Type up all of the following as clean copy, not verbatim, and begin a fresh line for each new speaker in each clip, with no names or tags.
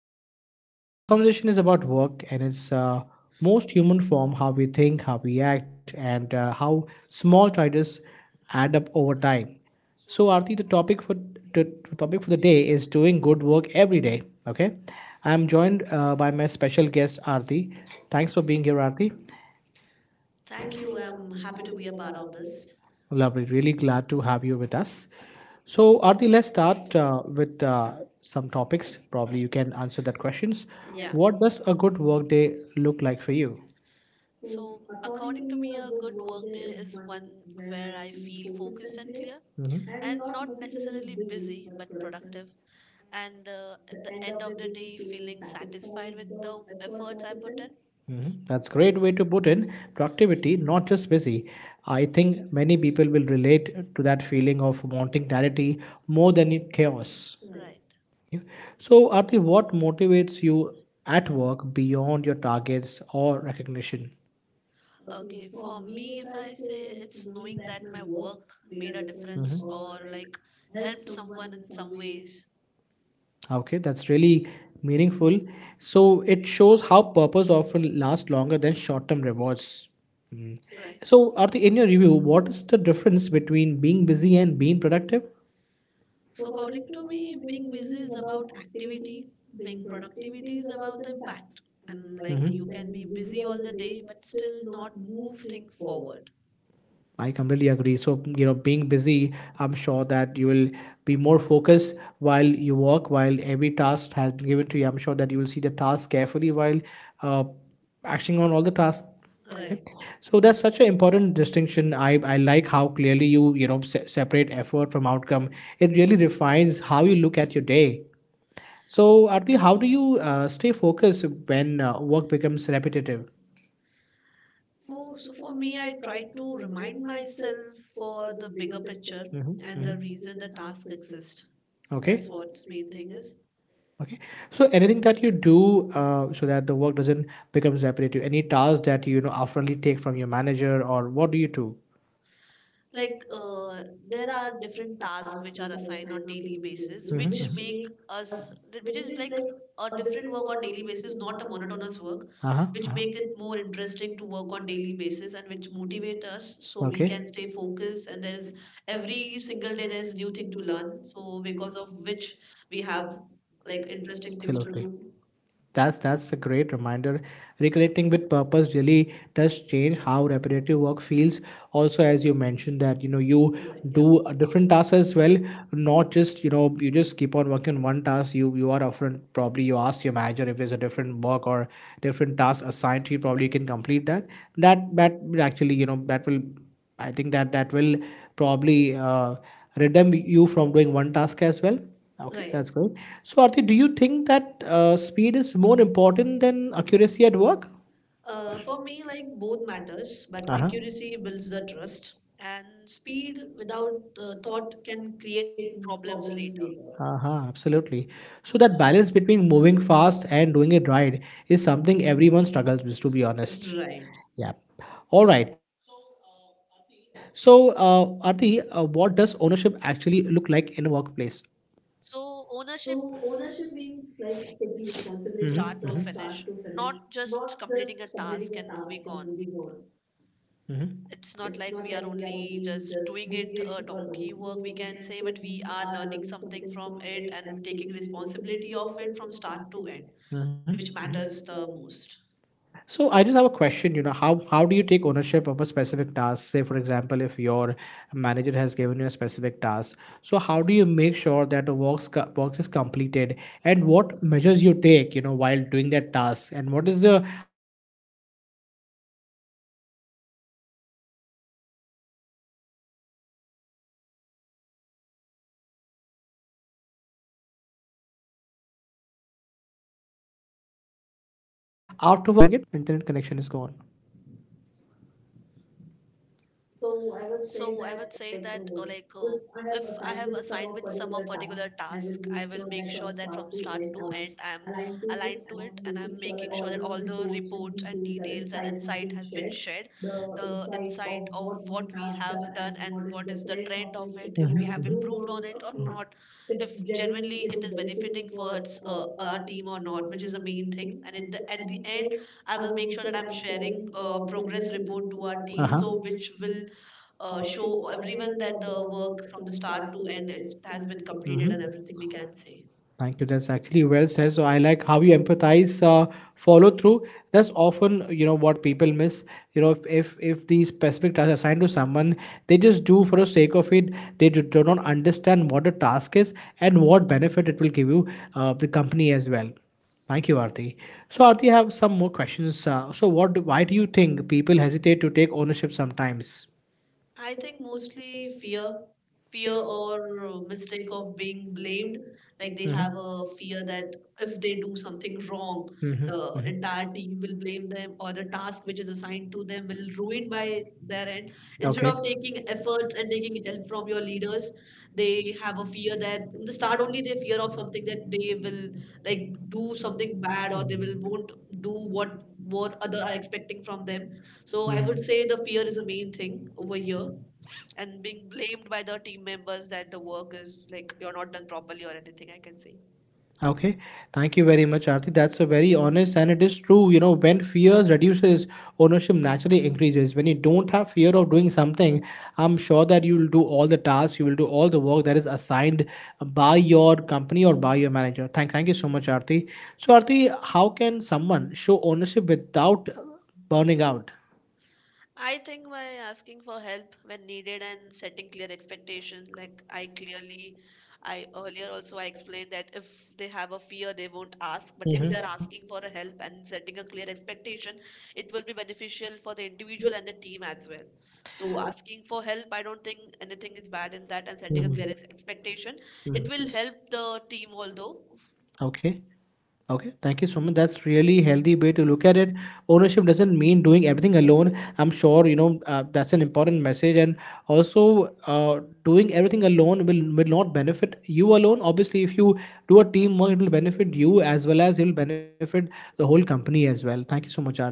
podcast. This conversation is about work and its most human form, how we think, how we act, and how small choices add up over time. So, Arti, the topic for the the day is doing good work every day. Okay, I'm joined by my special guest, Arti. Thanks for being here, Arti.
Thank you. I'm happy to be a part of this.
Lovely. Really glad to have you with us. So, Arti, let's start with some topics. Probably you can answer that questions. Yeah.
Yeah.
What does a good workday look like for you?
So, according to me, a good work day is one where I feel focused and clear and not necessarily busy but productive. And at the end of the day, feeling satisfied with the efforts I put in.
Mhm. That's great way to put in productivity, not just busy. I think many people will relate to that feeling of wanting clarity more than chaos.
Right.
Yeah. So, Arti, what motivates you at work beyond your targets or recognition?
Okay. For me, if I say it's knowing that my work made a difference or like helped someone in some ways.
Okay, that's really meaningful. So it shows how purpose often lasts longer than short-term rewards. Mm.
Right.
So, Arti, in your review, what is the difference between being busy and being productive?
So according to me, being busy is about activity, being productivity is about impact. And like you can be busy all the day but still not move things forward.
I completely agree. So, you know, being busy, I'm sure that you will be more focused while you work, while every task has been given to you. I'm sure that you will see the task carefully while uh, acting on all the tasks.
Right.
So that's such an important distinction. I like how clearly you, you know, separate effort from outcome. It really refines how you look at your day. So Arti, how do you stay focused when work becomes repetitive?
So for me, I try to remind myself for the bigger picture and the reason the task exists.
Okay.
That's what's main thing is.
Okay. So anything that you do so that the work doesn't become repetitive? Any task that you know, oftenly take from your manager, or what do you do?
Like there are different tasks which are assigned on daily basis which make which is like a different work on daily basis, not a monotonous work,
Uh-huh.
which make it more interesting to work on daily basis and which motivate us so we can stay focused, and there is every single day there is new thing to learn, so because of which we have like interesting things to do.
That's a great reminder. Reconnecting with purpose really does change how repetitive work feels. Also, as you mentioned that, you know, you
Yeah,
do a different tasks as well, not just, you know, you just keep on working on one task. You are often, probably you ask your manager if there's a different work or different task assigned to you, probably you can complete that. That will actually, you know, that will, I think that will probably redeem you from doing one task as well. Okay,
right.
that's good. So, Arti, do you think that speed is more important than accuracy at work?
For me, like both matters, but accuracy builds the trust, and speed without the thought can create problems later.
Uh-huh, absolutely. So that balance between moving fast and doing it right is something everyone struggles with, to be honest.
Right.
Yeah. All right. So, Arti, what does ownership actually look like in a workplace?
So ownership start to finish, not just completing a task and moving on. It's not like we are only just doing it donkey work, we can say, but we are learning something from it and taking responsibility of it from start to end, which matters the most.
So I just have a question, you know, how do you take ownership of a specific task? Say, for example, if your manager has given you a specific task, so how do you make sure that the work is completed, and what measures you take, you know, while doing that task, and what is the after work that you do when the task is completed? Do you do any kind of a measures while doing it?
So
Internet connection is gone.
So I would say that, like, if I have assigned with some of particular task, I will make sure that from start to end, I'm aligned to it, and I'm making sure that all the reports and details and insight has been shared. The insight of what we have done and what is the trend of it, if we have improved on it or not, if genuinely it is benefiting for its, our team or not, which is the main thing. And at the end I will make sure that I'm sharing a progress report to our team, so which will show everyone that the work from the start to end it has been completed and everything we can say.
Thank you. That's actually well said. So I like how you empathize, follow through. That's often, you know, what people miss. You know, if the specific task assigned to someone, they just do for the sake of it. They do, do not understand what the task is and what benefit it will give you, the company as well. Thank you, Arti. So Arti, I have some more questions. Why do you think people hesitate to take ownership sometimes?
I think mostly fear, or mistake of being blamed. Like they have a fear that if they do something wrong, the entire team will blame them, or the task which is assigned to them will ruin by their end, instead of taking efforts and taking help from your leaders. They have a fear that in the start only they fear of something, that they will like do something bad, or they will won't do what other are expecting from them. So I would say the fear is the main thing over here, and being blamed by the team members that the work is like you're not done properly or anything I can say.
Okay, thank you very much, Aarti. That's a very honest and it is true. You know, when fears reduces, ownership naturally increases. When you don't have fear of doing something, I'm sure that you will do all the tasks, you will do all the work that is assigned by your company or by your manager. Thank you so much, Aarti. So, Aarti, how can someone show ownership without burning out?
I think by asking for help when needed and setting clear expectation. Like I clearly, I earlier also I explained that if they have a fear they won't ask, but if
Hmm.
they're asking for a help and setting a clear expectation, it will be beneficial for the individual and the team as well. So asking for help, I don't think anything is bad in that, and setting a clear expectation, it will help the team although.
Okay. Okay, thank you so much. That's really healthy way to look at it. Ownership doesn't mean doing everything alone. I'm sure you know, that's an important message, and also doing everything alone will not benefit you alone. Obviously, if you do a teamwork, it will benefit you as well as it will benefit the whole company as well. Thank you so much, Arti.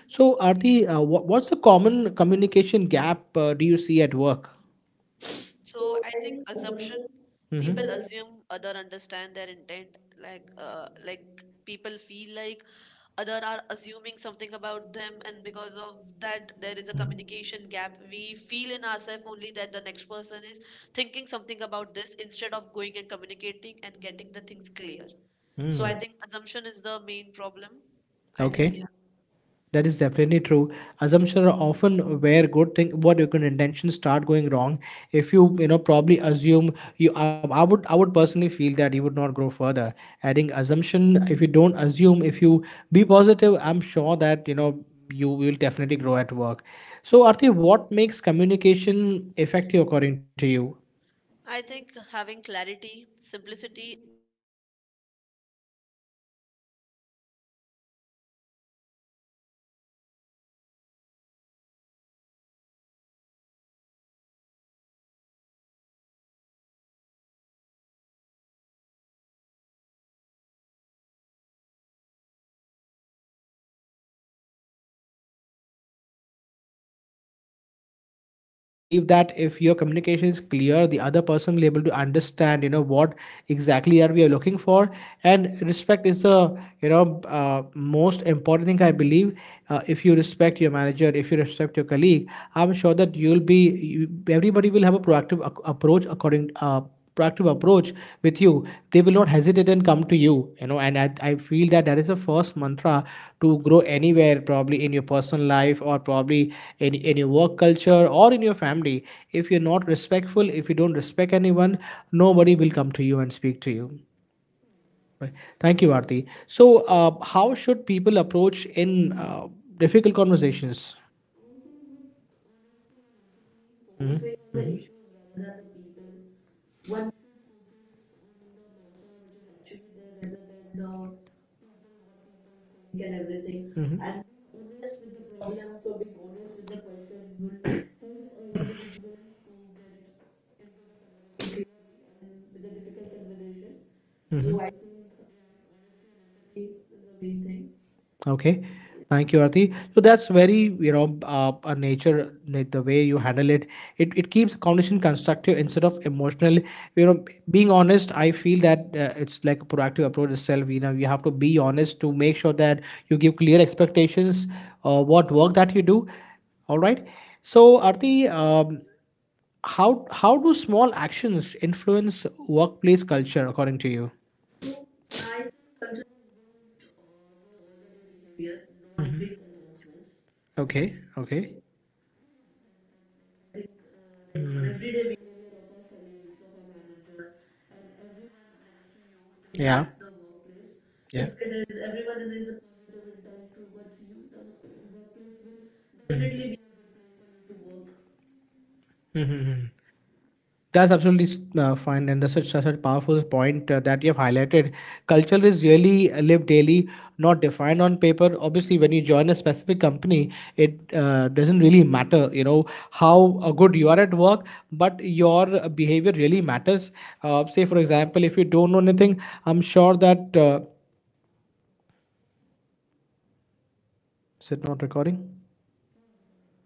So, Arti, what's the common communication gap do you see at work?
So I think assumption, people assume other understand their intent. Like people feel like other are assuming something about them, and because of that, there is a communication gap. We feel in ourselves only that the next person is thinking something about this instead of going and communicating and getting the things clear.
Mm-hmm.
So I think assumption is the main problem. I think
Okay. That is definitely true. Assumptions are often where good thing, what your good intentions start going wrong. If you, you know, probably assume you, I would personally feel that you would not grow further. Adding assumption, if you don't assume, if you be positive, I'm sure that you know you will definitely grow at work. So, Arti, what makes communication effective according to you?
I think having clarity, simplicity, and respect
Uh
for everyone,
huh.
like being clarified to each and everyone, each and every teammates, with your team leader, with your manager. Simplicity and respect is the main factor, I think, which
Uh huh.
make your communication effective, way more effective.
Okay, thank you so much. So I probably I love how simple that is, and when communication is clear and respective, respectful, most issue don't even begin. I believe that if your communication is clear, the other person will able to understand, you know, what exactly are we are looking for, and respect is the, you know, most important thing I believe. If you respect your manager, if you respect your colleague, I'm sure that you'll be you, everybody will have a proactive approach according. Proactive approach with you, they will not hesitate and come to you, you know, and I feel that that is the first mantra to grow anywhere, probably in your personal life or probably in your work culture or in your family. If you're not respectful, if you don't respect anyone, nobody will come to you and speak to you.
Right.
Right. Thank you, Arti. So, how should people approach in difficult conversations?
I think with honesty and empathy, focusing on the issues rather than the people, one should focus on the matter which is actually there rather than the people what people think and everything, and being honest with the problems or being honest with the question will help a individual to get into the conversation clearly and with a difficult conversation. So I think, yeah, honesty and empathy is the main thing.
Okay.
Yeah.
Thank you, Arti. So that's very, you know, a nature, like the way you handle it, it keeps a conversation constructive instead of emotional. You know, being honest, I feel that it's like a proactive approach itself. You know, you have to be honest to make sure that you give clear expectations, what work that you do. All right. So, Arti, how do small actions influence workplace culture according to you?
So I think culture is built though all the day behavior, not big announcements.
Okay. Okay.
So, ah, yeah, that like I think like on everyday behavior of our colleagues, of our manager, and everyone next to you
Yeah.
impact the workplace.
Yeah.
If it is everyone and is a positive intent towards you, the workplace will definitely be a good place for you to work.
Hmm. That's absolutely fine, and that's such, such a powerful point that you have highlighted. Culture is really lived daily, not defined on paper. Obviously, when you join a specific company, it doesn't really matter, you know, how good you are at work, but your behavior really matters. Say, for example, if you don't know anything, I'm sure that. Is it not recording?
क्या बात कर रहे हो?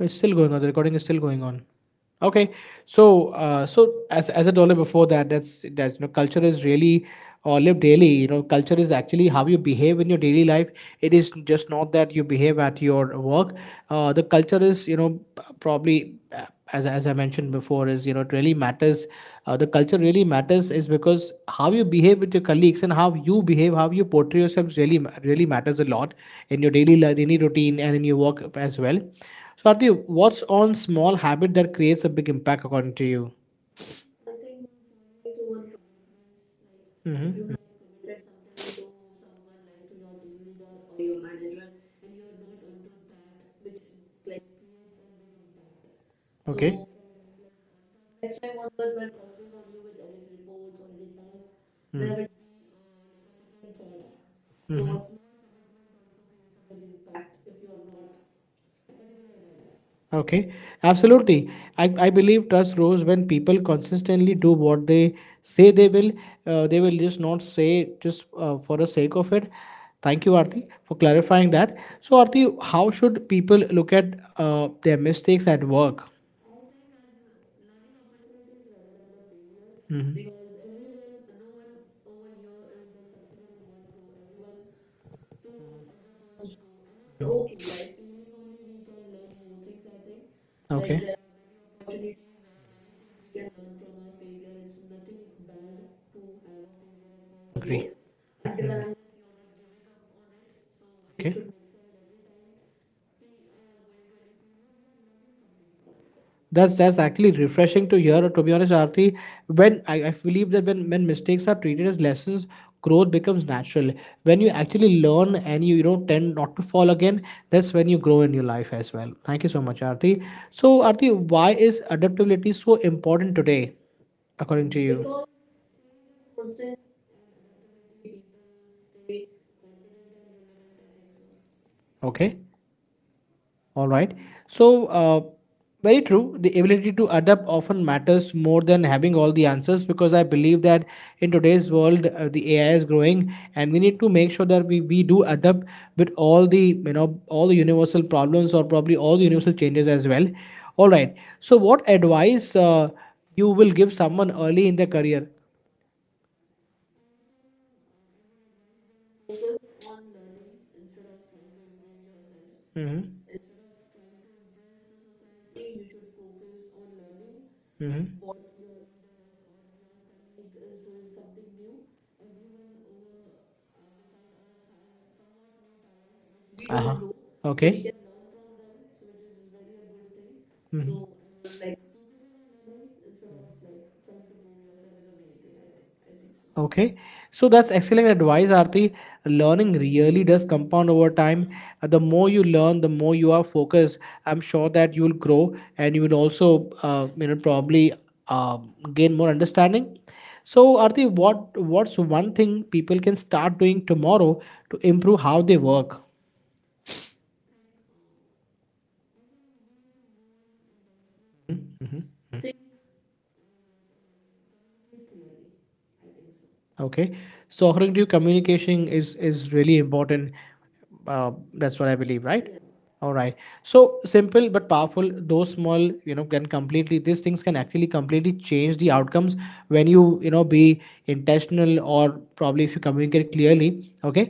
It's still going on. The recording is still going on.
Yeah.
Okay, so so as I told you before that that's that, you know, culture is really or live daily. You know, culture is actually how you behave in your daily life. It is just not that you behave at your work. The culture is, you know, probably as I mentioned before is, you know, it really matters. The culture really matters is because how you behave with your colleagues and how you behave, how you portray yourself really really matters a lot in your daily routine and in your work as well. Swarti, what's on small habit that creates a big impact according to you?
I think following through on commitments. Like if you
Mm-hmm.
have committed something to someone, like to your team leader or your manager, and you're not onto that, which like creates a big impact.
Okay.
So from like on from next time onwards, while trusting on you with any reports or any task, there would be like a second thought. So a small commitment also creates a big impact if you're not particular about that.
Okay. Absolutely. I believe trust grows when people consistently do what they say they will. They will just not say just for the sake of it. Thank you, Arti, for clarifying that. So, Arti, how should people look at their mistakes at work?
I think as learning opportunities rather than the failures, because everyone, no one over here is like succeeded in one go. Everyone fails at the first go, and it's okay. By failing only we can learn more things, I think. Like there
Okay.
are many opportunities where are many things we can learn from our failure. It's nothing bad to have a failure at first go,
Agree.
until and unless you're not giving up on it. So we
Okay.
should make sure that every time we are going to any failure we are learning something from it.
That's actually refreshing to hear. To be honest, Arti, when I believe that when mistakes are treated as lessons, growth becomes natural. When you actually learn and you know, tend not to fall again, that's when you grow in your life as well. Thank you so much, Arti. So, Arti, why is adaptability so important today, according to you?
Because change is constant, and adaptability people stay confident and relevant, I think so.
Okay. All right. So, very true. The ability to adapt often matters more than having all the answers, because I believe that in today's world, the AI is growing, and we need to make sure that we do adapt with all the, you know, all the universal problems or probably all the universal changes as well. All right. So, what advice you will give someone early in their career?
I think I would advise them focus on learning instead of trying to improve yourself,
Mm-hmm.
instead of trying to impress the society. You should focus on learning
Mm-hmm.
what your leaders or your colleague is doing something new. Everyone over beside us has somewhat new talent which we don't
Uh-huh.
know, so we
Okay.
can learn from them, so which is very a good thing. So I would like focusing on learning instead of like trying to prove yourself is the main thing. I think so.
Okay, so that's excellent advice, Arti. Learning really does compound over time. The more you learn, the more you are focused. I'm sure that you will grow and you will also, you know, probably uh, gain more understanding. So, Arti, what's one thing people can start doing tomorrow to improve how they work?
Like I think be more intentional. Think I like and communicate clearly. I think so.
Okay, so according to you, communication is really important. That's what I believe, right?
Yeah.
All right. So simple but powerful. Those small, you know, can completely, these things can actually completely change the outcomes when you know, be intentional or probably if you communicate clearly. Okay.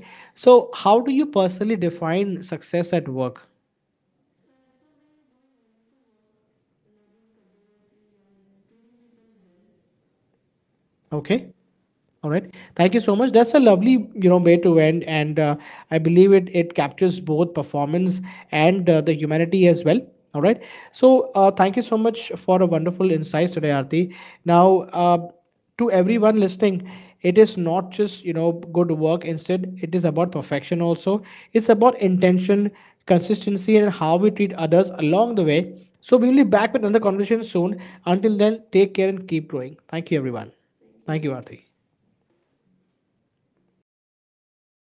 So how do you personally define success at work?
So, as per me, doing meaningful work, learning continuously, and treating people well.
Okay. All right. Thank you so much. That's a lovely, you know, way to end, and I believe it captures both performance and the humanity as well. All right. So thank you so much for a wonderful insights today, Arti. Now, to everyone listening, it is not just, you know, good work. Instead, it is about perfection. Also, it's about intention, consistency, and how we treat others along the way. So we will be back with another conversation soon. Until then, take care and keep growing. Thank you, everyone.
Thank you.
Thank you, Arti.